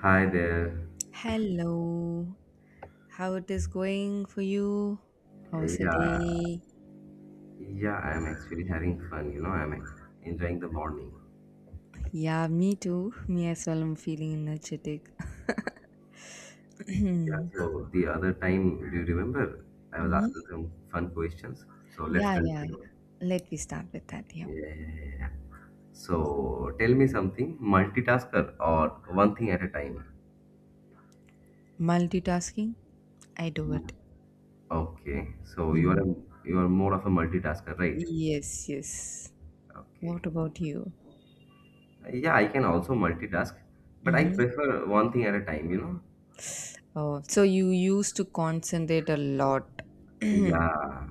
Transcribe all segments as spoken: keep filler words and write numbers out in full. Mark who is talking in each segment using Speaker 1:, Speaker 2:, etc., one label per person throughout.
Speaker 1: Hi there.
Speaker 2: Hello, how it is going for you? How's the
Speaker 1: Yeah,
Speaker 2: day?
Speaker 1: yeah, I'm actually having fun. You know, I'm enjoying the morning.
Speaker 2: Yeah, me too. Me as well. I'm feeling energetic.
Speaker 1: Yeah,
Speaker 2: Mhm.
Speaker 1: so the other time, do you remember? I was asking some fun questions. So let's
Speaker 2: Yeah, yeah. yeah.
Speaker 1: continue.
Speaker 2: Let me start with that. Yeah,
Speaker 1: Yeah, yeah, yeah. yeah. So tell me something, multitasker or one thing at a time?
Speaker 2: multitasking. I do
Speaker 1: Mm.
Speaker 2: it.
Speaker 1: Okay, so you are
Speaker 2: Mhm.
Speaker 1: a, you are more of a multitasker, right?
Speaker 2: Yes, yes.
Speaker 1: Okay.
Speaker 2: What about you?
Speaker 1: Yeah, I can also multitask, but I
Speaker 2: Mm-hmm.
Speaker 1: prefer one thing at a time, you know?
Speaker 2: Oh, so you used to concentrate a lot.
Speaker 1: Yeah.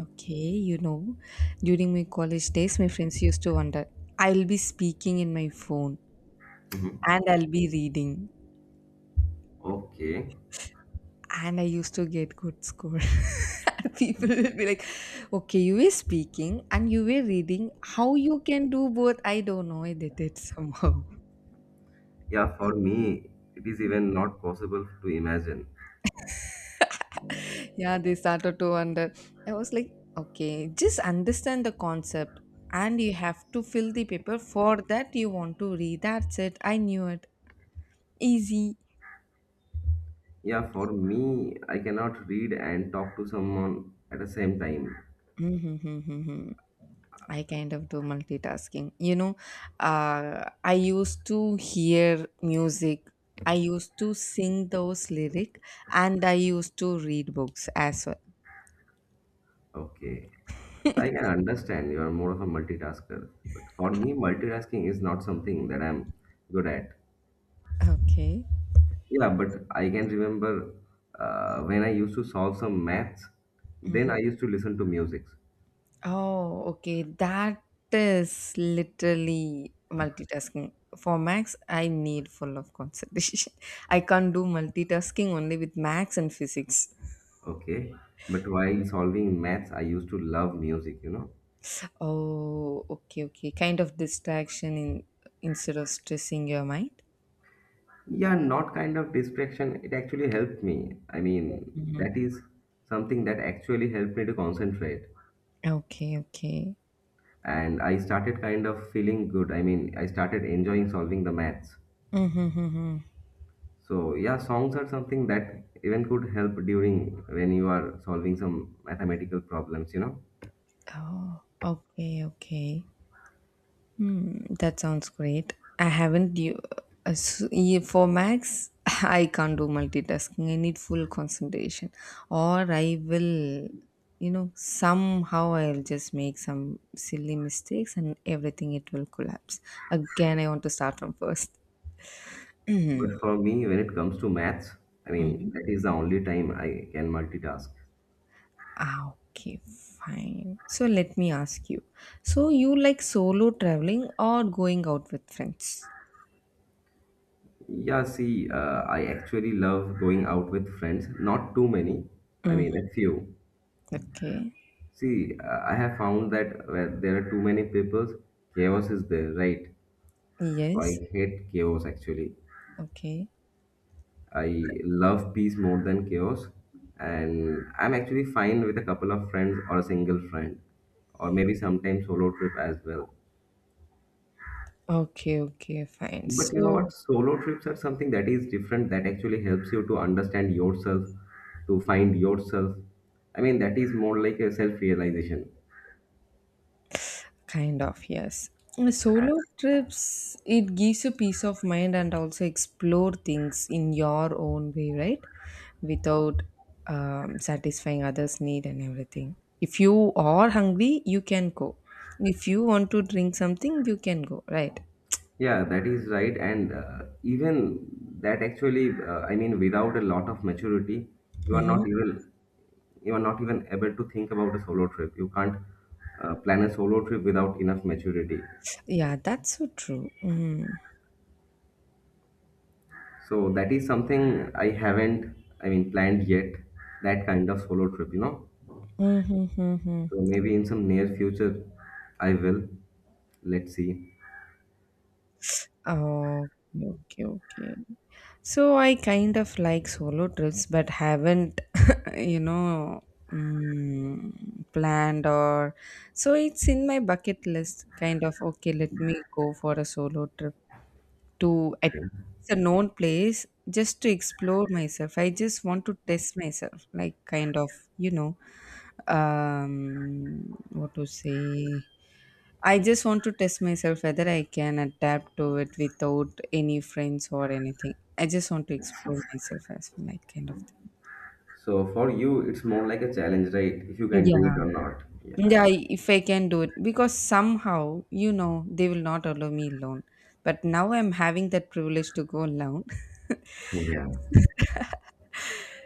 Speaker 2: Okay, you know, during my college days, my friends used to wonder, I'll be speaking in my phone and I'll be reading.
Speaker 1: Okay.
Speaker 2: And I used to get good score. And people will be like, okay, you were speaking and you were reading. How you can do both? I don't know. I did it somehow.
Speaker 1: Yeah, for me, it is even not possible to imagine.
Speaker 2: Yeah, they started to wonder. I was like, okay, just understand the concept and you have to fill the paper. For that, you want to read. That's it. I knew it. Easy.
Speaker 1: Yeah, for me, I cannot read and talk to someone at the same time.
Speaker 2: I kind of do multitasking. You know, uh, I used to hear music. I used to sing those lyric, and I used to read books as well.
Speaker 1: Okay. I can understand you are more of a multitasker, but for me, multitasking is not something that I'm good at.
Speaker 2: Okay.
Speaker 1: Yeah, but I can remember uh, when I used to solve some maths, then
Speaker 2: Hmm.
Speaker 1: I used to listen to music.
Speaker 2: Oh, okay. That is literally multitasking. For Max, I need full of concentration. I can't do multitasking only with Max and physics.
Speaker 1: Okay. But while solving maths, I used to love music, you know.
Speaker 2: Oh, okay, okay. Kind of distraction in instead of stressing your mind.
Speaker 1: Yeah, not kind of distraction. It actually helped me. I mean,
Speaker 2: Mhm.
Speaker 1: that is something that actually helped me to concentrate.
Speaker 2: Okay, okay.
Speaker 1: And I started kind of feeling good. I mean, I started enjoying solving the maths.
Speaker 2: Mm-hmm, hmm.
Speaker 1: So, yeah, songs are something that even could help during when you are solving some mathematical problems, you know.
Speaker 2: Oh, okay, okay. Hmm, that sounds great. I haven't you uh, s- y- For Max, I can't do multitasking. I need full concentration, or I will, you know, somehow I'll just make some silly mistakes and everything it will collapse. Again, I want to start from
Speaker 1: But
Speaker 2: first.
Speaker 1: for me, when it comes to maths, I mean, that is the only time I can multitask.
Speaker 2: Ah, okay, fine. So let me ask you. So you like solo traveling or going out with friends?
Speaker 1: Yeah, see, uh, I actually love going out with friends. Not too many. I mean,
Speaker 2: Hmm.
Speaker 1: a few.
Speaker 2: Okay.
Speaker 1: See, uh, I have found that where there are too many people, chaos is there, right? So
Speaker 2: Yes.
Speaker 1: I hate chaos actually.
Speaker 2: Okay.
Speaker 1: I love peace more than chaos, and I'm actually fine with a couple of friends or a single friend, or maybe sometimes solo trip as well.
Speaker 2: Okay. Okay. Fine.
Speaker 1: But you know
Speaker 2: So
Speaker 1: what? Solo trips are something that is different that actually helps you to understand yourself, to find yourself. I mean, that is more like a self realization.
Speaker 2: kind of, yes. Uh, Solo trips, it gives you peace of mind and also explore things in your own way, right? Without um, satisfying others' need and everything. If you are hungry, you can go. If you want to drink something, you can go, right?
Speaker 1: Yeah, that is right. And uh, even that actually, uh, I mean, without a lot of maturity, you are
Speaker 2: Mm-hmm.
Speaker 1: not even you are not even able to think about a solo trip. You can't uh, plan a solo trip without enough maturity.
Speaker 2: Yeah, that's so true. Mm-hmm.
Speaker 1: So that is something I haven't, I mean, planned yet. That kind of solo trip, you know.
Speaker 2: Mm-hmm, mm-hmm.
Speaker 1: So maybe in some near future, I will. Let's see.
Speaker 2: Oh, okay, okay, okay. So I kind of like solo trips, but haven't, you know, mm, planned or so, it's in my bucket list. Kind of okay, let me go for a solo trip to at
Speaker 1: Yeah.
Speaker 2: it's a known place just to explore myself. I just want to test myself, like kind of, you know, um, what to say. I just want to test myself whether I can adapt to it without any friends or anything. I just want to explore myself as well, like kind of thing.
Speaker 1: So for you, it's more like a challenge, right? If you can do it
Speaker 2: Yeah.
Speaker 1: or not. Yeah, I
Speaker 2: Yeah,
Speaker 1: guess.
Speaker 2: I- if I can do it. Because somehow, you know, they will not allow me alone. But now I'm having that privilege to go alone.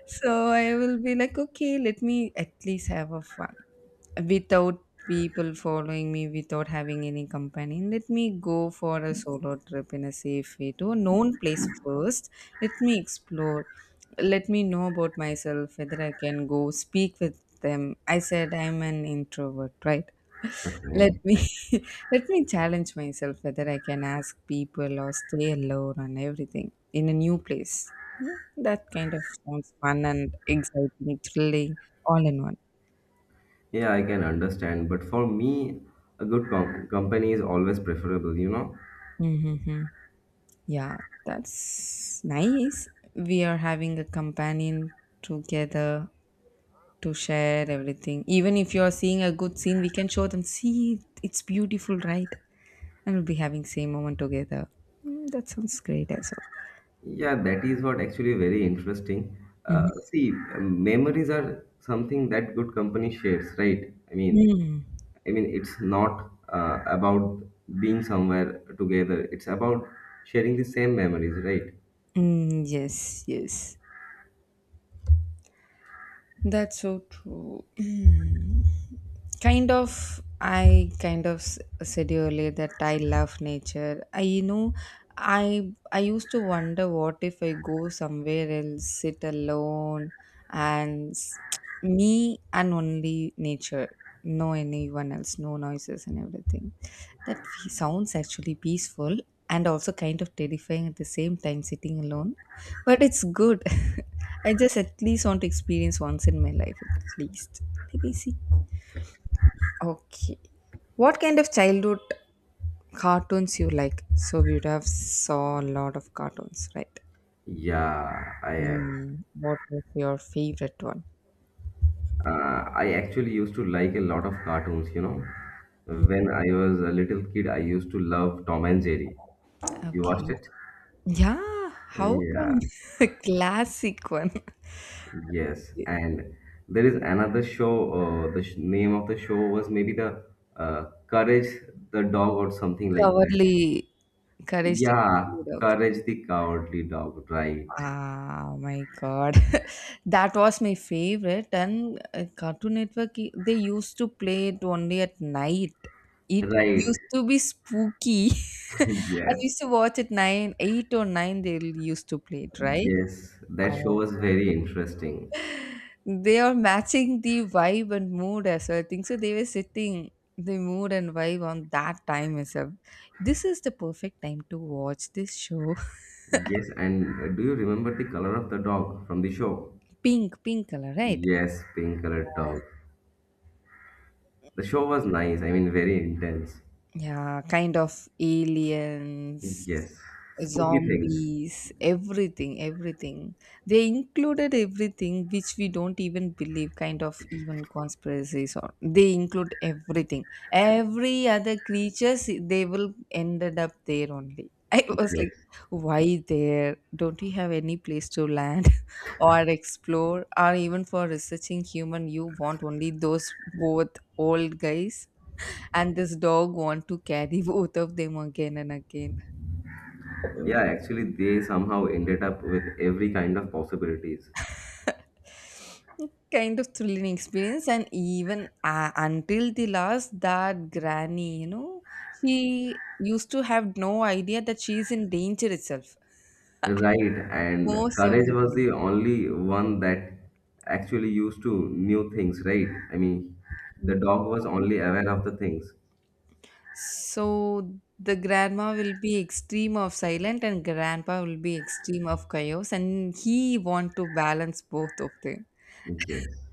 Speaker 2: So I will be like, okay, let me at least have a fun without people following me, without having any company. Let me go for a solo trip in a safe way to a known place first. Let me explore, let me know about myself whether I can go speak with them. I said I'm an introvert, right?
Speaker 1: Yeah.
Speaker 2: Let me
Speaker 1: Okay.
Speaker 2: let me challenge myself whether I can ask people or stay alone and everything in a new place. Hmm, that kind of sounds fun and exciting, thrilling, all in one.
Speaker 1: Yeah, I can understand. But for me, a good com- company is always preferable, you know?
Speaker 2: Mm-hmm. Yeah, that's nice. We are having a companion together to share everything. Even if you're seeing a good scene, we can show them, see, it's beautiful, right? And we'll be having same moment together. Mm, that sounds great as
Speaker 1: Yeah, that is what actually very interesting.
Speaker 2: well.
Speaker 1: Uh,
Speaker 2: Mhm.
Speaker 1: see, um, memories are something that good company shares, right? I mean,
Speaker 2: Mm.
Speaker 1: I mean, it's not uh, about being somewhere together. It's about sharing the same memories, right?
Speaker 2: Mm, yes, yes. That's so true. Mm. Kind of, I kind of s- said earlier that I love nature. I, you know, I I used to wonder what if I go somewhere else, sit alone, and s- me and only nature, no anyone else, no noises and everything. That fe- sounds actually peaceful and also kind of terrifying at the same time sitting alone. But it's good. I just at least want to experience once in my life, at least. Let me see. Okay. What kind of childhood cartoons you like? So you'd have saw a lot of cartoons, right?
Speaker 1: Yeah, I
Speaker 2: Hmm. What was your favorite one?
Speaker 1: Uh, I actually used to like a lot of cartoons, you know. When I was a little kid, I used to love Tom and Jerry. You
Speaker 2: Okay.
Speaker 1: watched it?
Speaker 2: Yeah. How
Speaker 1: Yeah,
Speaker 2: come? Classic one.
Speaker 1: yes. And there is another show, uh, the sh name of the show was maybe the uh, Courage the Dog or something like that.
Speaker 2: Coverly, Courage the
Speaker 1: Yeah,
Speaker 2: Cowardly Dog.
Speaker 1: Courage the Cowardly Dog, right.
Speaker 2: Ah, oh my God. That was my favorite. And uh, Cartoon Network, i- they used to play it only at night. It
Speaker 1: Right.
Speaker 2: used to be spooky. I
Speaker 1: Yes.
Speaker 2: used to watch at nine, eight or nine, they used to play it, right?
Speaker 1: Yes, that show
Speaker 2: Oh.
Speaker 1: was very interesting.
Speaker 2: They are matching the vibe and mood as well. I think so. They were setting the mood and vibe on that time itself. This is the perfect time to watch this show.
Speaker 1: Yes, and uh, do you remember the color of the dog from the show?
Speaker 2: Pink, pink color, right?
Speaker 1: Yes, pink colored dog. The show was nice, I mean, very intense.
Speaker 2: Yeah, kind of aliens,
Speaker 1: Yes, spooky things.
Speaker 2: zombies, everything, everything. They included everything which we don't even believe, kind of even conspiracies, or they include everything. Every other creatures they will ended up there only. I was like,
Speaker 1: Yes.
Speaker 2: why there? Don't we have any place to land or explore or even for researching human you want only those both old guys? And this dog want to carry both of them again and again,
Speaker 1: Yeah, actually, they somehow ended up with every kind of possibilities.
Speaker 2: kind of thrilling experience. And even uh, until the last that granny, you know, she used to have no idea that she is in danger itself
Speaker 1: Right, and
Speaker 2: most of
Speaker 1: courage
Speaker 2: the
Speaker 1: was
Speaker 2: time.
Speaker 1: the only one that actually used to new things, right? I mean, the dog was only aware of the things.
Speaker 2: So the grandma will be extreme of silent and grandpa will be extreme of chaos and he want to balance both of them,
Speaker 1: Yes.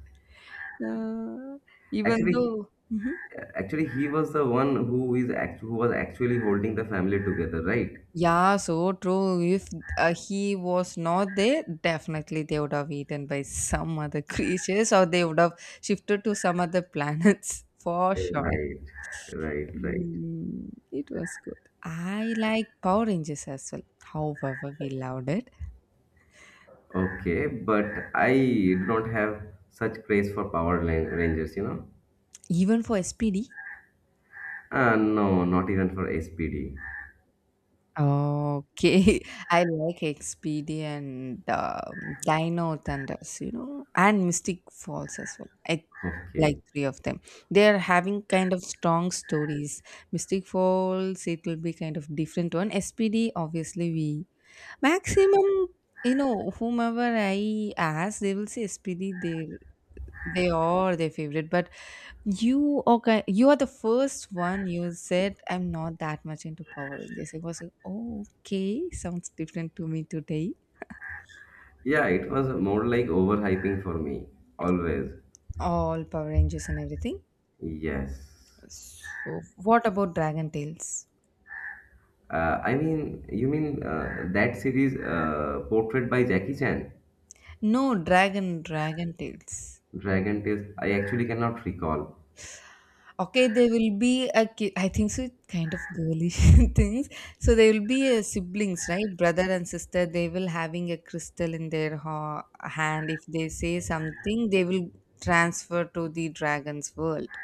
Speaker 2: uh, even
Speaker 1: Actually,
Speaker 2: though. Mhm.
Speaker 1: Actually, he was the one who is act- who was actually holding the family together, right?
Speaker 2: Yeah, so true. If uh, he was not there, definitely they would have eaten by some other creatures, or they would have shifted to some other planets for sure.
Speaker 1: Right, right, right.
Speaker 2: Mm, it was good. I like Power Rangers as well. However, we loved it.
Speaker 1: Okay, but I do not have such craze for Power Lan- Rangers, you know?
Speaker 2: Even for S P D,
Speaker 1: Uh, no, not even for S P D.
Speaker 2: okay, I like Expedia and um, Dino Thunders, you know, and Mystic Falls as well. I like
Speaker 1: Okay.
Speaker 2: three of them. They are having kind of strong stories. Mystic Falls, it will be kind of different one. S P D, obviously, we maximum, you know, whomever I ask, they will say S P D. They they are their favorite, but you okay? You are the first one. You said I'm not that much into Power Rangers. It was like, "Oh, okay, sounds different to me today."
Speaker 1: Yeah, it was more like overhyping for me, always.
Speaker 2: All Power Rangers and everything.
Speaker 1: Yes.
Speaker 2: So, what about Dragon Tales?
Speaker 1: Uh, I mean, you mean uh, that series uh, portrayed by Jackie Chan,
Speaker 2: No, Dragon Dragon Tales.
Speaker 1: Dragon Tales? I actually cannot recall.
Speaker 2: Okay, there will be a ki- I think so, it's kind of girlish things. So there will be a siblings, right? Brother and sister. They will having a crystal in their ha- hand. If they say something, they will transfer to the dragon's world.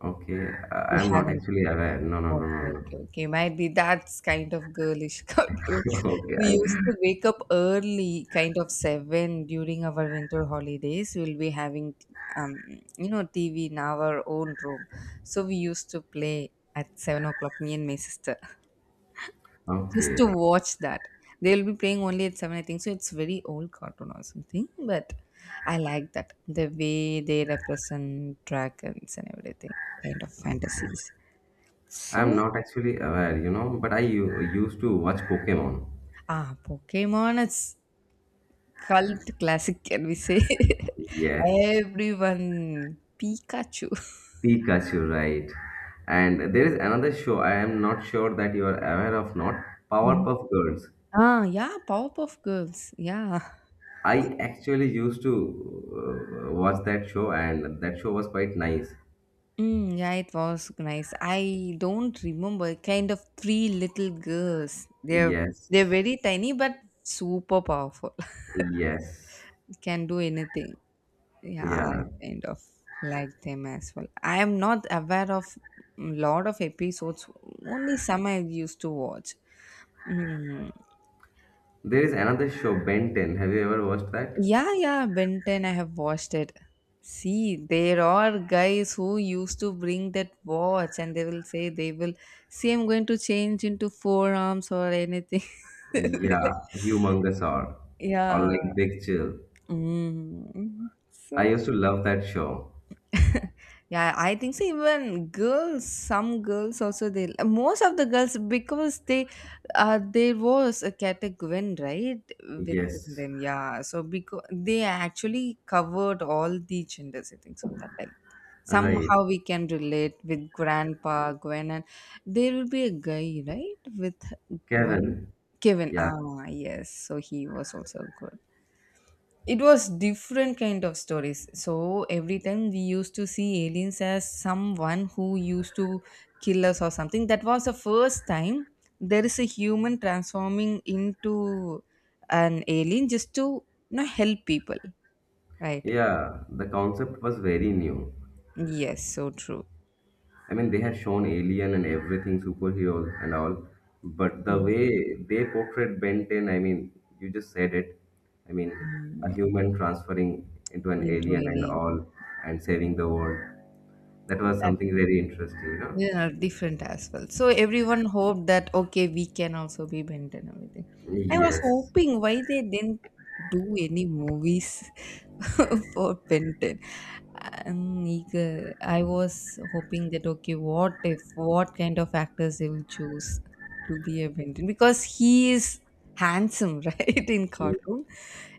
Speaker 1: Okay,
Speaker 2: We
Speaker 1: I- am not
Speaker 2: haven't.
Speaker 1: actually aware. No, no, no,
Speaker 2: Okay,
Speaker 1: no,
Speaker 2: okay, okay. Might be that's kind of girlish cartoon.
Speaker 1: no. Okay,
Speaker 2: We
Speaker 1: I
Speaker 2: used to wake up early, kind of seven during our winter holidays. We'll be having, um, you know, T V in our own room. So we used to play at seven o'clock, me and my sister, just
Speaker 1: okay.
Speaker 2: to watch that. They'll be playing only at seven, I think. So it's very old cartoon or something, but I like that, the way they represent dragons and everything, kind of fantasies.
Speaker 1: I'm
Speaker 2: So,
Speaker 1: not actually aware, you know, but I u- used to watch Pokemon.
Speaker 2: ah, Pokemon is cult classic, can we say?
Speaker 1: Yes,
Speaker 2: Everyone, Pikachu.
Speaker 1: Pikachu, right. And there is another show. I am not sure that you are aware of not
Speaker 2: Mhm.
Speaker 1: Powerpuff Girls.
Speaker 2: Ah, yeah, Powerpuff Girls. Yeah.
Speaker 1: I actually used to uh, watch that show, and that show was quite nice.
Speaker 2: Mm, yeah, it was nice. I don't remember. Kind of three little girls. They're
Speaker 1: Yes,
Speaker 2: they're very tiny but super powerful.
Speaker 1: yes,
Speaker 2: Can do anything. Yeah,
Speaker 1: yeah.
Speaker 2: I kind of like them as well. I am not aware of lot of episodes. Only some I used to watch. Mm.
Speaker 1: There is another show, Ben ten. Have you ever watched that?
Speaker 2: Yeah, yeah, Ben ten, I have watched it. See, there are guys who used to bring that watch and they will say they will, see, I'm going to change into forearms or anything.
Speaker 1: Yeah, Humongous or, or
Speaker 2: Yeah.
Speaker 1: like Big Chill.
Speaker 2: Mm. So
Speaker 1: I used to love that show.
Speaker 2: yeah, I think so. Even girls, some girls also they, most of the girls, because they, uh there was a Kata Gwen, right? Within
Speaker 1: Yes,
Speaker 2: them, yeah. So because they actually covered all the genders, I think so on that time.
Speaker 1: right.
Speaker 2: Somehow we can relate with Grandpa Gwen. And there will be a guy, right? With Gwen.
Speaker 1: Kevin.
Speaker 2: Kevin.
Speaker 1: Yeah,
Speaker 2: Ah yes. So he was also good. It was different kind of stories. So every time we used to see aliens as someone who used to kill us or something. That was the first time there is a human transforming into an alien just to, you know, help people, right?
Speaker 1: yeah. The concept was very new.
Speaker 2: Yes, so true.
Speaker 1: I mean, they had shown Alien and everything, superheroes and all, but the
Speaker 2: Mm,
Speaker 1: way they portrayed Ben ten, I mean, you just said it. I mean, a
Speaker 2: mm,
Speaker 1: human transferring into an
Speaker 2: into
Speaker 1: alien and
Speaker 2: alien.
Speaker 1: all and saving the world. That was something very interesting, you
Speaker 2: They are different as well. So everyone hoped that okay, we can also be bent and everything.
Speaker 1: know?
Speaker 2: I was
Speaker 1: Yes.
Speaker 2: hoping why they didn't do any movies for Benton. I'm eager. I was hoping that okay, what if, what kind of actors they will choose to be a Benton? Because he is handsome, right? In
Speaker 1: Yeah,
Speaker 2: cartoon,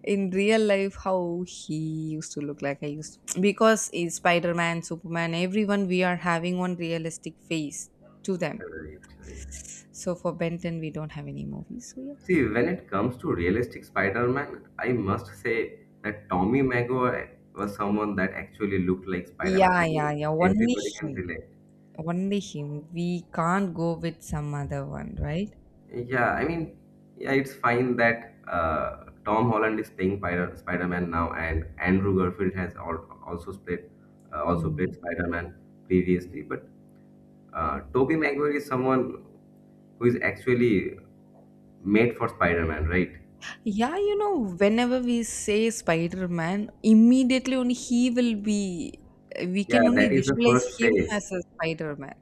Speaker 2: in real life, how he used to look like I used to, because in Spider Man, Superman, everyone we are having one realistic face to them.
Speaker 1: Right, right.
Speaker 2: So for Benton, we don't have any movies. So yeah,
Speaker 1: See, when it comes to realistic Spider-Man, I must say that Tommy Maguire was someone that actually looked like Spider-Man.
Speaker 2: yeah,
Speaker 1: I
Speaker 2: yeah,
Speaker 1: mean,
Speaker 2: yeah. Only
Speaker 1: everybody can
Speaker 2: him,
Speaker 1: relate.
Speaker 2: only him. We can't go with some other one, right?
Speaker 1: Yeah, I mean, yeah, it's fine that uh, Tom Holland is playing Spider- Spider-Man now, and Andrew Garfield has al- also played uh, also played
Speaker 2: Mm.
Speaker 1: Spider-Man previously. But uh, Tobey Maguire is someone who is actually made for Spider-Man, right?
Speaker 2: Yeah, you know, whenever we say Spider Man, immediately only he will be, we
Speaker 1: Yeah,
Speaker 2: can only
Speaker 1: that is the
Speaker 2: visualize
Speaker 1: first
Speaker 2: him
Speaker 1: phase,
Speaker 2: as a Spider Man.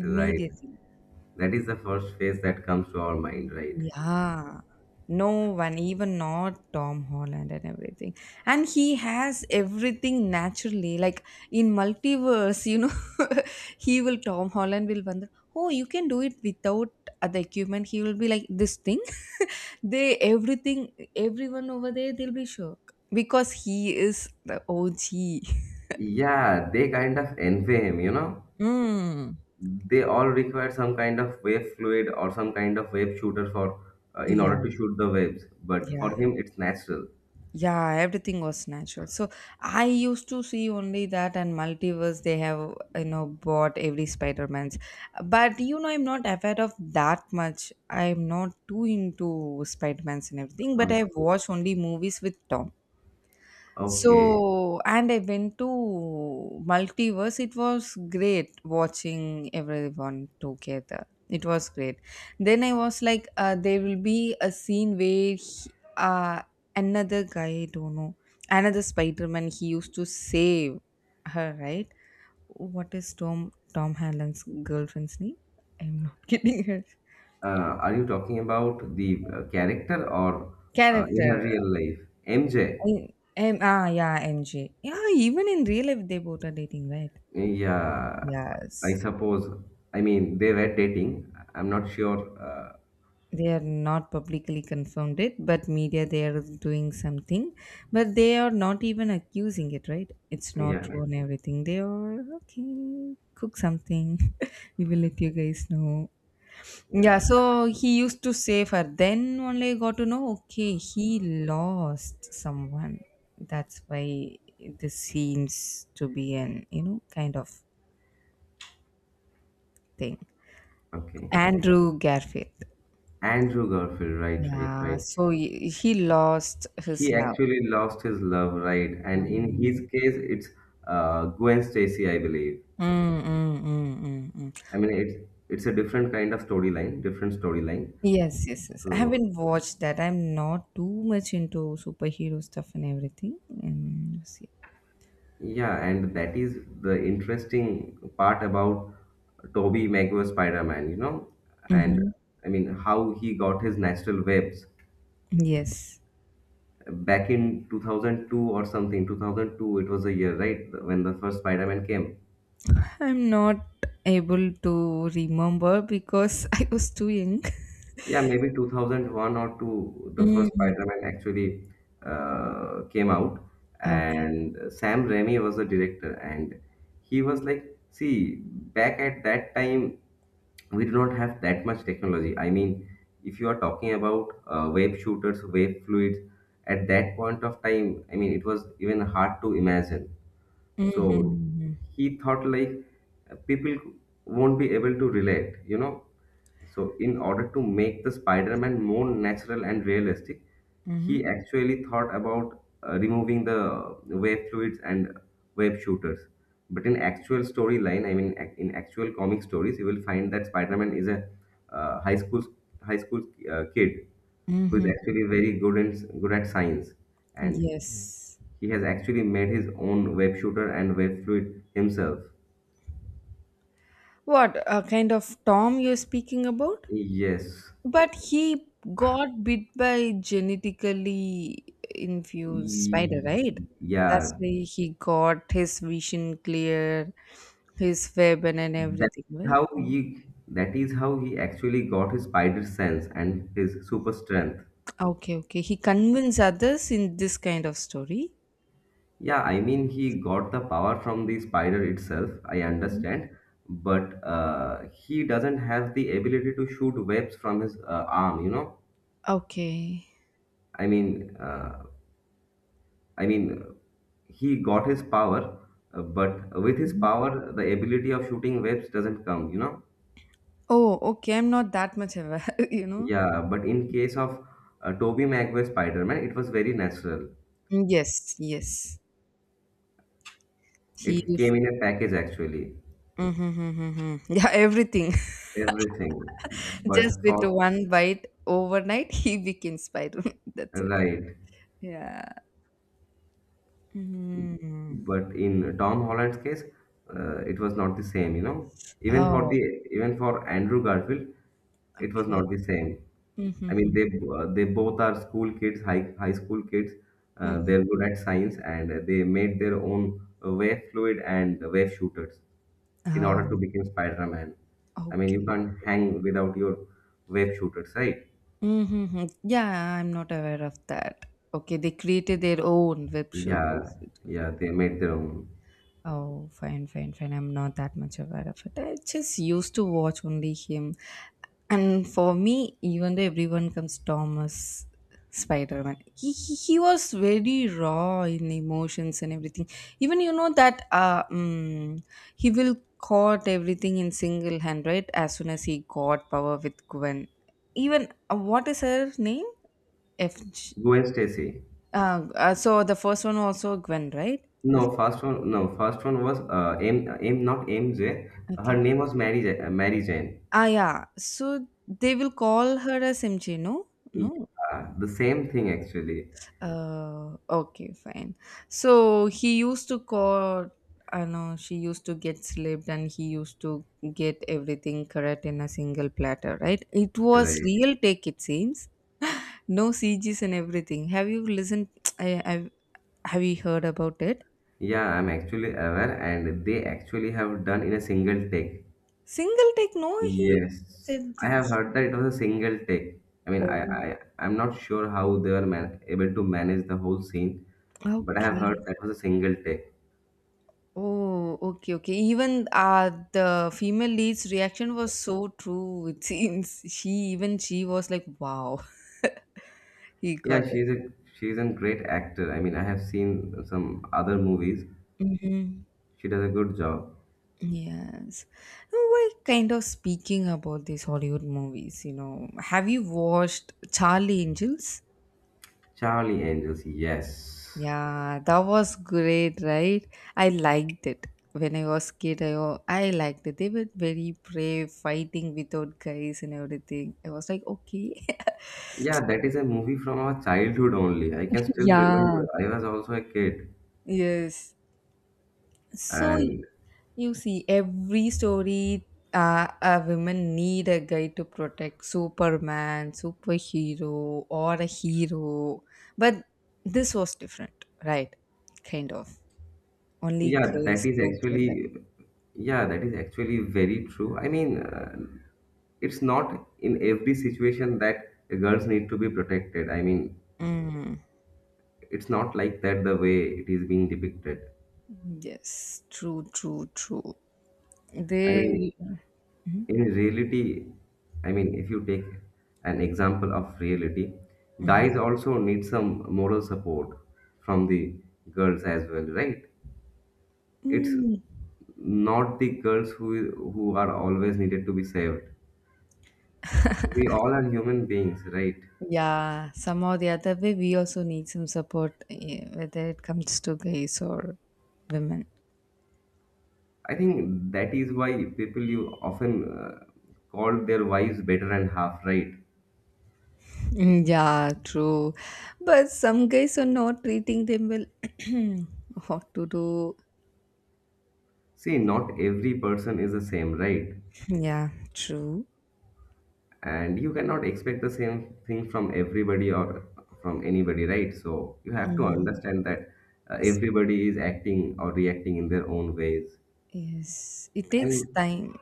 Speaker 1: right? That is the first face that comes to our mind, right?
Speaker 2: Yeah. No one, even not Tom Holland and everything. And he has everything naturally. Like in multiverse, you know, he will, Tom Holland will wonder, oh, you can do it without other equipment. He will be like, this thing? They everything everyone over there they'll be shocked because he is the O G.
Speaker 1: Yeah, they kind of envy him, you know.
Speaker 2: Mm.
Speaker 1: They all require some kind of wave fluid or some kind of wave shooter for uh, in
Speaker 2: Yeah,
Speaker 1: order to shoot the waves. But
Speaker 2: yeah,
Speaker 1: for him, it's natural.
Speaker 2: yeah. Everything was natural. So I used to see only that and multiverse. They have, you know, bought every Spider Man's, but you know I'm not aware of that much. I'm not too into Spider Man's and everything. But I
Speaker 1: Okay.
Speaker 2: watch only movies with Tom.
Speaker 1: Okay.
Speaker 2: So, and I went to Multiverse. It was great watching everyone together. It was great. Then I was like, uh, there will be a scene where he- uh, another guy, I don't know, another Spider Man, he used to save her, right? What is Tom Tom Holland's girlfriend's name? I'm not kidding her.
Speaker 1: Uh, are you talking about the uh, character or uh, in her
Speaker 2: Character.
Speaker 1: real life? M J.
Speaker 2: I- M- ah, yeah, M J. Yeah, even in real life, they both are dating, right?
Speaker 1: Yeah, I
Speaker 2: Yes,
Speaker 1: suppose. I mean, they were dating. I'm not sure. Uh,
Speaker 2: they are not publicly confirmed it, but media they are doing something, but they are not even accusing it, right? It's not
Speaker 1: yeah.
Speaker 2: true and everything. They are okay, cook something. We will let you guys know. Yeah,
Speaker 1: Yeah.
Speaker 2: so he used to save her, then only I got to know, okay, he lost someone, that's why this seems to be an, you know, kind of thing.
Speaker 1: Okay.
Speaker 2: Andrew Garfield.
Speaker 1: Andrew Garfield, right, right,
Speaker 2: Yeah,
Speaker 1: right.
Speaker 2: so he he lost his
Speaker 1: He
Speaker 2: love.
Speaker 1: actually lost his love, right? And in his
Speaker 2: um,
Speaker 1: case, it's uh, Gwen Stacy, I believe.
Speaker 2: Mm, mm, mm, mm,
Speaker 1: I
Speaker 2: mm.
Speaker 1: mean, it's it's a different kind of storyline, different storyline.
Speaker 2: Yes, yes, yes. I
Speaker 1: So
Speaker 2: haven't watched that. I'm not too much into superhero stuff and everything. And see.
Speaker 1: yeah, and that is the interesting part about Toby Maguire Spider-Man, you know, and
Speaker 2: Hmm.
Speaker 1: I mean how he got his natural webs
Speaker 2: Yes.
Speaker 1: back in two thousand two or something. two thousand two, it was a year, right, when the first Spider-Man came.
Speaker 2: I'm not able to remember because I was too young.
Speaker 1: Yeah, maybe two thousand one or two, the first
Speaker 2: Mm.
Speaker 1: Spider-Man actually uh, came out.
Speaker 2: Okay.
Speaker 1: And Sam Raimi was the director. And he was like, see, back at that time, we did not have that much technology. I mean, if you are talking about uh, wave shooters, wave fluids, at that point of time, I mean, it was even hard to imagine. So
Speaker 2: Mm-hmm.
Speaker 1: he thought like uh, people won't be able to relate, you know. So in order to make the Spider-Man more natural and realistic, he
Speaker 2: Mm-hmm.
Speaker 1: actually thought about uh, removing the wave fluids and wave shooters. But in actual storyline, I mean, ac- in actual comic stories, you will find that Spider-Man is a uh, high school high school uh, kid who is
Speaker 2: Mm-hmm.
Speaker 1: actually very good in good at science, and
Speaker 2: Yes.
Speaker 1: he has actually made his own web shooter and web fluid himself.
Speaker 2: What uh, kind of Tom you're speaking about?
Speaker 1: Yes.
Speaker 2: But he got bit by genetically infused spider,
Speaker 1: Ye-
Speaker 2: right? That's
Speaker 1: Yeah.
Speaker 2: why he got his vision clear, his web and, and
Speaker 1: That's
Speaker 2: everything, right?
Speaker 1: how he that is how he actually got his spider sense and his super strength.
Speaker 2: Okay, okay. He convinced others in this kind of story.
Speaker 1: Yeah, I mean he got the power from the spider itself, I
Speaker 2: Mhm.
Speaker 1: understand, but uh, he doesn't have the ability to shoot webs from his uh, arm, you know?
Speaker 2: Okay.
Speaker 1: I mean, uh, I mean, he got his power, uh, but with his
Speaker 2: Mhm.
Speaker 1: power, the ability of shooting webs doesn't come, you know?
Speaker 2: Oh, okay. I'm not that much aware, you know.
Speaker 1: Yeah, but in case of uh, Tobey Maguire Spider-Man, it was very natural.
Speaker 2: Mm, yes, yes. He
Speaker 1: It
Speaker 2: used.
Speaker 1: came in a package actually,
Speaker 2: Mm-hmm, mm-hmm, mm-hmm. Yeah, everything.
Speaker 1: everything.
Speaker 2: Just
Speaker 1: But
Speaker 2: with
Speaker 1: for,
Speaker 2: one bite overnight, he became Spider-Man. That's it.
Speaker 1: right.
Speaker 2: Yeah. Mm.
Speaker 1: But in Tom Holland's case, uh, it was not the same, you know. Even for
Speaker 2: Oh,
Speaker 1: the even for Andrew Garfield, it was not
Speaker 2: okay.
Speaker 1: the same. I mean,
Speaker 2: Mhm,
Speaker 1: they uh, they both are school kids, high high school kids. Uh,
Speaker 2: mhm.
Speaker 1: they're good at science, and they made their own uh, wave fluid and wave shooters in order to
Speaker 2: Oh,
Speaker 1: become Spider-Man. I mean, you
Speaker 2: okay.
Speaker 1: can't hang without your wave shooters, right?
Speaker 2: Mhm. Yeah, I'm not aware of that. Okay, they created their own web
Speaker 1: Yeah,
Speaker 2: shooters.
Speaker 1: yeah, they made their own.
Speaker 2: Oh, fine, fine, fine. I'm not that much aware of it. I just used to watch only him. And for me, even though everyone comes Thomas Spider Man, he, he he was very raw in emotions and everything. Even you know that uh, mm, he will caught everything in single hand, right? As soon as he got power with Gwen. Even uh, what is her name? F. G-
Speaker 1: Gwen Stacy.
Speaker 2: Uh, uh, so the first one also Gwen, right? The
Speaker 1: No,
Speaker 2: first.
Speaker 1: first one. No, first one was uh, M. M. Not M J. Her
Speaker 2: Okay.
Speaker 1: name was Mary. Ja- uh, Mary Jane.
Speaker 2: Ah, yeah. So they will call her as M J, no? No.
Speaker 1: Yeah, the same thing actually.
Speaker 2: Uh, okay, fine. So he used to call, I know she used to get slipped and he used to get everything correct in a single platter, right? It was
Speaker 1: Right.
Speaker 2: real take, it seems. No C Gs and everything. Have you listened? I, I've, have you heard about it?
Speaker 1: Yeah, I'm actually aware, and they actually have done in a single take.
Speaker 2: Single take, no, he
Speaker 1: Yes,
Speaker 2: said.
Speaker 1: I have heard that it was a single take. I mean, I,
Speaker 2: Oh,
Speaker 1: I I'm not sure how they were man- able to manage the whole scene, but I have
Speaker 2: okay.
Speaker 1: heard that was a single take.
Speaker 2: Oh, okay, okay. Even uh, the female lead's reaction was so true. It seems she even she was like, "Wow." He got
Speaker 1: Yeah,
Speaker 2: it.
Speaker 1: she's a she's a great actor. I mean, I have seen some other movies.
Speaker 2: Mm-hmm.
Speaker 1: She does a good job.
Speaker 2: Yes. Now, we're kind of speaking about these Hollywood movies, you know. Have you watched Charlie Angels?
Speaker 1: Charlie Angels, yes.
Speaker 2: Yeah, that was great, right? I liked it. When I was kid, I, wa- I liked it. They were very brave, fighting without guys and everything. I was like, okay.
Speaker 1: Yeah, that is a movie from our childhood only. I can still
Speaker 2: Yeah.
Speaker 1: remember. I was also a kid.
Speaker 2: Yes. So
Speaker 1: And
Speaker 2: you see, every story uh, a woman need a guy to protect Superman, superhero, or a hero. But this was different, right? Kind of. Only
Speaker 1: yeah, that
Speaker 2: girls
Speaker 1: is
Speaker 2: together.
Speaker 1: actually, yeah, that is actually very true. I mean, uh, it's not in every situation that girls need to be protected. I mean,
Speaker 2: Mm.
Speaker 1: it's not like that the way it is being depicted.
Speaker 2: Yes, true, true, true.
Speaker 1: I mean,
Speaker 2: They. Mhm,
Speaker 1: in reality, I mean, if you take an example of reality,
Speaker 2: mhm.
Speaker 1: guys also need some moral support from the girls as well, right? It's
Speaker 2: Mm.
Speaker 1: not the girls who who are always needed to be saved. We all are human beings, right?
Speaker 2: Yeah, somehow the other way, we also need some support, eh, whether it comes to guys or women.
Speaker 1: I think that is why people you often uh, call their wives better and half, right?
Speaker 2: Mm, yeah, true. But some guys are not treating them well. What to do?
Speaker 1: See, not every person is the same, right?
Speaker 2: Yeah, true.
Speaker 1: And you cannot expect the same thing from everybody or from anybody, right? So you have to
Speaker 2: Mhm.
Speaker 1: understand that uh,
Speaker 2: Yes,
Speaker 1: everybody is acting or reacting in their own ways.
Speaker 2: yes. It takes
Speaker 1: And
Speaker 2: time.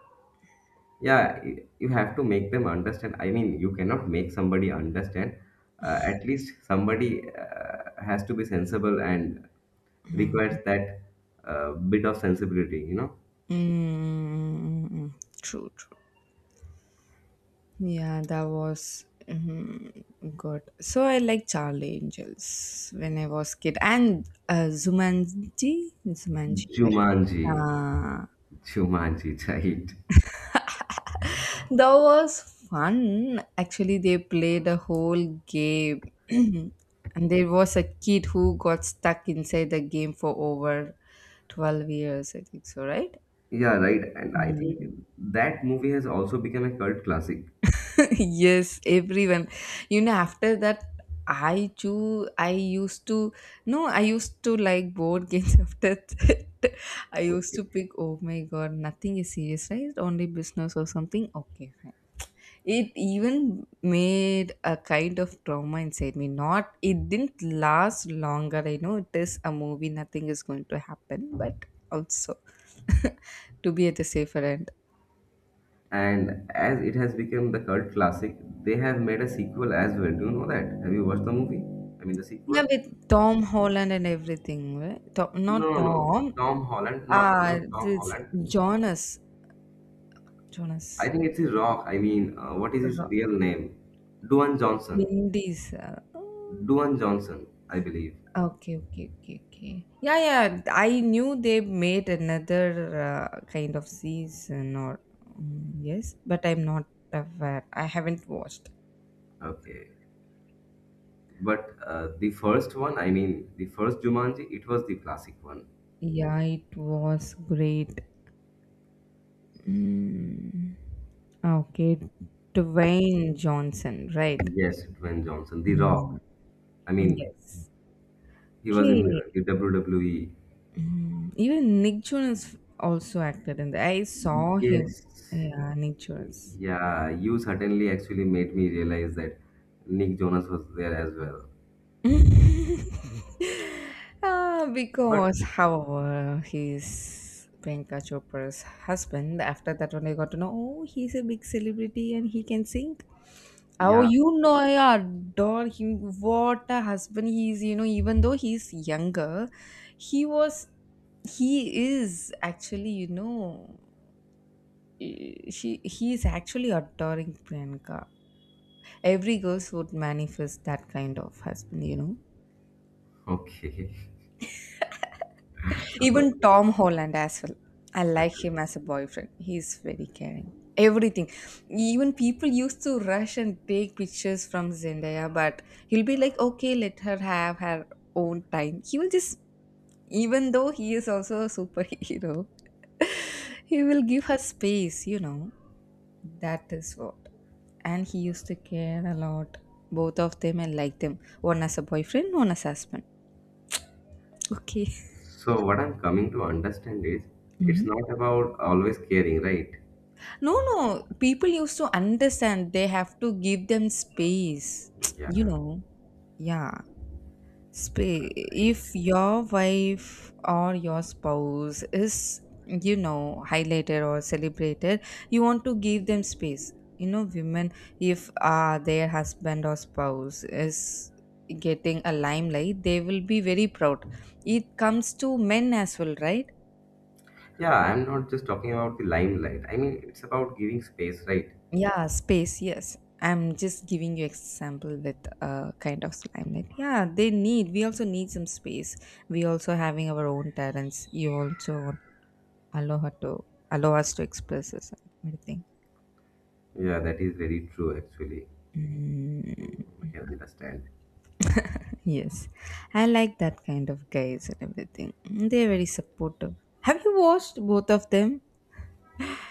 Speaker 1: yeah, y- you have to make them understand. I mean, you cannot make somebody understand. Uh, at least somebody uh, has to be sensible and requires that uh, bit of sensibility, you know.
Speaker 2: Mm, true, true. Yeah, that was mm, good. So I like Charlie Angels when I was kid, and uh, Zumanji, Zumanji, right?
Speaker 1: Jumanji,
Speaker 2: Uh,
Speaker 1: jumanji right.
Speaker 2: That was fun. Actually, they played a whole game. And there was a kid who got stuck inside the game for over twelve years, I think so, right?
Speaker 1: Yeah, right. And I think
Speaker 2: Mm.
Speaker 1: that movie has also become a cult classic.
Speaker 2: Yes, everyone. You know, after that, I too, I used to, no, I used to like board games after that. I used
Speaker 1: Okay.
Speaker 2: to pick, oh my god, nothing is serious, right? Only business or something. Okay, fine. It even made a kind of trauma inside me. Not it didn't last longer, I know it is a movie, nothing is going to happen, but also to be at the safer end.
Speaker 1: And as it has become the cult classic, they have made a sequel as well. Do you know that? Have you watched the movie? I mean, the
Speaker 2: Yeah,
Speaker 1: sequel?
Speaker 2: with Tom Holland and everything, right? tom, not
Speaker 1: No, no, no.
Speaker 2: tom
Speaker 1: Tom Holland, not not
Speaker 2: Ah,
Speaker 1: Tom
Speaker 2: this
Speaker 1: Holland.
Speaker 2: Jonas,
Speaker 1: I
Speaker 2: Jonas.
Speaker 1: think it's his Rock. I mean, uh, what is his
Speaker 2: Ro-
Speaker 1: real name? Dwayne Johnson.
Speaker 2: Vin Diesel.
Speaker 1: Dwayne Johnson, I believe.
Speaker 2: Okay, okay, okay, okay. Yeah, yeah. I knew they made another uh, kind of season, or mm, yes, but I'm not aware. I haven't watched.
Speaker 1: Okay. But uh, the first one, I mean, the first Jumanji, it was the classic one.
Speaker 2: Yeah, it was great. Mm. Okay, Dwayne Johnson, right?
Speaker 1: Yes, Dwayne Johnson, The
Speaker 2: Mm.
Speaker 1: Rock. I mean,
Speaker 2: Yes.
Speaker 1: he was in
Speaker 2: Okay.
Speaker 1: W W E.
Speaker 2: Even Nick Jonas also acted in that. I saw him.
Speaker 1: Yes.
Speaker 2: Yeah, Nick Jonas.
Speaker 1: Yeah, you certainly actually made me realize that Nick Jonas was there as well.
Speaker 2: Uh,
Speaker 1: But
Speaker 2: because, however, he's Priyanka Chopra's husband. After that, when I got to know, oh, he's a big celebrity and he can sing. Oh,
Speaker 1: yeah,
Speaker 2: you know, I adore him. What a husband he is. You know, even though he's younger, he was, he is actually, you know, eh, she he is actually adoring Priyanka. Every girls would manifest that kind of husband, you know.
Speaker 1: okay.
Speaker 2: Even
Speaker 1: Okay.
Speaker 2: Tom Holland as well. I like
Speaker 1: Okay.
Speaker 2: him as a boyfriend. He's very caring. Everything. Even people used to rush and take pictures from Zendaya, but he'll be like, okay, let her have her own time. He will just, even though he is also a superhero, he will give her space, you know. That is what. And he used to care a lot. Both of them, I like them. One as a boyfriend, one as husband. Okay.
Speaker 1: So what I'm coming to understand is it's not about always caring, right?
Speaker 2: No, no. People used to understand they have to give them space.
Speaker 1: Yeah,
Speaker 2: You know, yeah. Space.
Speaker 1: right.
Speaker 2: If your wife or your spouse is, you know, highlighted or celebrated, you want to give them space. You know, women, if uh, their husband or spouse is getting a limelight, they will be very proud. It comes to men as well, right?
Speaker 1: Yeah, I'm not just talking about the limelight. I mean, it's about giving space, right?
Speaker 2: Yeah, space, yes. I'm just giving you example with uh, kind of slime. Like, yeah, they need, we also need some space. We also having our own talents. You also allow her to, allow us to express us and everything.
Speaker 1: Yeah, that is very true actually.
Speaker 2: Mm,
Speaker 1: I can understand.
Speaker 2: yes. I like that kind of guys and everything. Mm, they're very supportive. Have you watched both of them?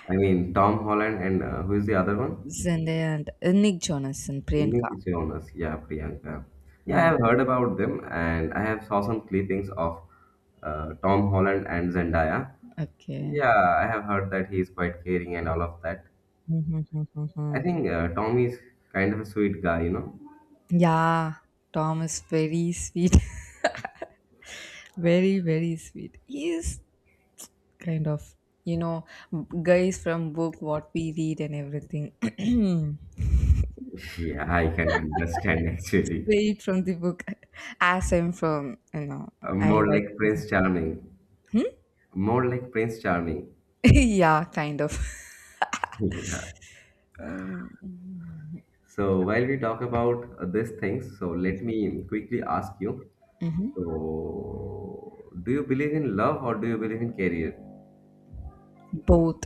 Speaker 1: I mean, Tom Holland and uh, who is the other one?
Speaker 2: Zendaya and uh, Nick Jonas and Priyanka.
Speaker 1: Niti Jonas, yeah, Priyanka. Yeah, I
Speaker 2: Mm,
Speaker 1: have heard about them, and I have saw some clippings of uh, Tom Holland and Zendaya.
Speaker 2: okay.
Speaker 1: Yeah, I have heard that he is quite caring and all of that.
Speaker 2: Mhm, mhm,
Speaker 1: I
Speaker 2: mhm.
Speaker 1: think uh, Tom is kind of a sweet guy, you know.
Speaker 2: Yeah, Tom is very sweet. Very, very sweet. He is kind of, you know, guys from book, what we read and everything.
Speaker 1: Yeah, I can understand actually.
Speaker 2: Read from the book as I'm from, you know,
Speaker 1: Uh,
Speaker 2: I
Speaker 1: more
Speaker 2: like
Speaker 1: like
Speaker 2: to.
Speaker 1: Prince Charming.
Speaker 2: Hmm?
Speaker 1: More like Prince Charming.
Speaker 2: Yeah, kind of.
Speaker 1: Yeah.
Speaker 2: Um,
Speaker 1: So while we talk about uh, these things, so let me quickly ask you.
Speaker 2: mhm.
Speaker 1: So, do you believe in love or do you believe in career?
Speaker 2: Both.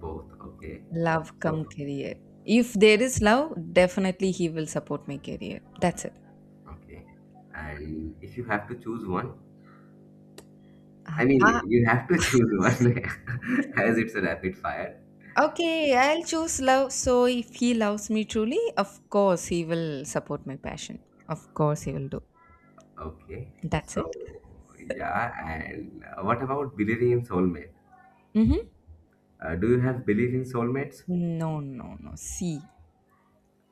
Speaker 1: Both. Okay.
Speaker 2: Love come
Speaker 1: So,
Speaker 2: career. If there is love, definitely he will support my career. That's it.
Speaker 1: okay. And if you have to choose one, I
Speaker 2: Ah,
Speaker 1: mean, you have to choose one as it's a rapid fire.
Speaker 2: Okay, I'll choose love. So if he loves me truly, of course he will support my passion. Of course he will do.
Speaker 1: Okay.
Speaker 2: That's
Speaker 1: So,
Speaker 2: it.
Speaker 1: yeah. And uh, what about believing in soulmate?
Speaker 2: Mm-hmm.
Speaker 1: Uh, do you have belief in soulmates?
Speaker 2: No, no, no. See.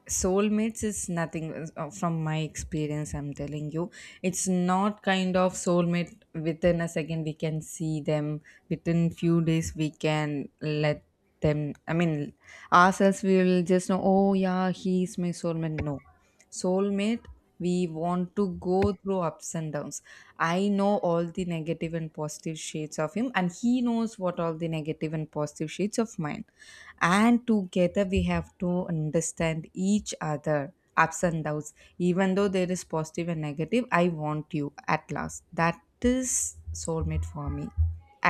Speaker 2: Soulmates is nothing, uh, from my experience I'm telling you, it's not kind of soulmate within a second we can see them, within few days we can let them, I mean ourselves we will just know, oh yeah, he's my soulmate. No, soulmate, we want to go through ups and downs. I know all the negative and positive shades of him, and he knows what all the negative and positive shades of mine, and together we have to understand each other ups and downs. Even though there is positive and negative, I want you at last. That is soulmate for me,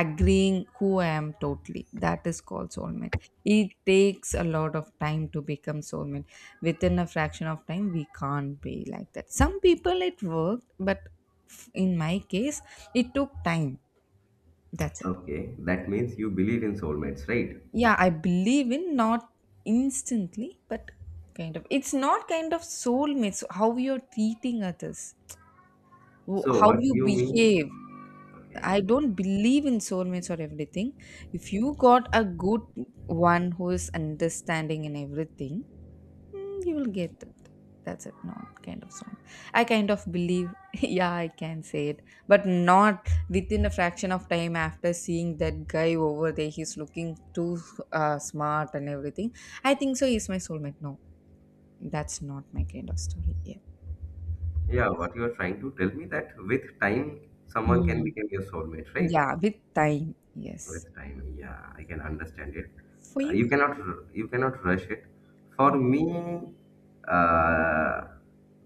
Speaker 2: agreeing who I am totally. That is called soulmate. It takes a lot of time to become soulmate. Within a fraction of time we can't be like that. Some people it worked, but f- in my case it took time. That's it.
Speaker 1: Okay. That means you believe in soulmates, right?
Speaker 2: Yeah, I believe in, not instantly, but kind of. It's not kind of soulmates. How you're treating others, wh-
Speaker 1: So,
Speaker 2: how
Speaker 1: what
Speaker 2: you
Speaker 1: you
Speaker 2: behave.
Speaker 1: mean? Okay.
Speaker 2: I don't believe in soulmates or everything. If you got a good one who is understanding in everything, mm, you will get it. That's it. Not kind of song. I kind of believe, yeah, I can say it, but not within a fraction of time after seeing that guy over there. He's looking too uh, smart and everything. I think so. He's my soulmate. No, that's not my kind of story. Yeah.
Speaker 1: Yeah, what you are trying to tell me that with time someone can
Speaker 2: Mm.
Speaker 1: become your soulmate, right?
Speaker 2: Yeah, with time. Yes.
Speaker 1: With time, yeah, I can understand it.
Speaker 2: For
Speaker 1: Uh,
Speaker 2: you?
Speaker 1: you cannot r- you cannot rush it. For me, uh,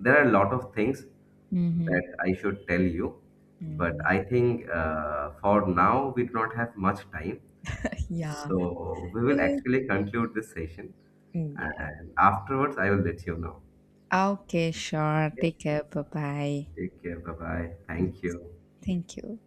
Speaker 1: there are a lot of things
Speaker 2: Mm-hmm.
Speaker 1: that I should tell you, but
Speaker 2: Mm-hmm.
Speaker 1: I think uh, for now we do not have much time.
Speaker 2: Yeah.
Speaker 1: So we will actually conclude this session,
Speaker 2: Mm, yeah.
Speaker 1: and afterwards I will let you know.
Speaker 2: Okay, sure.
Speaker 1: Okay,
Speaker 2: Take care. Bye bye.
Speaker 1: take care. Bye bye. Thank you.
Speaker 2: Thank you.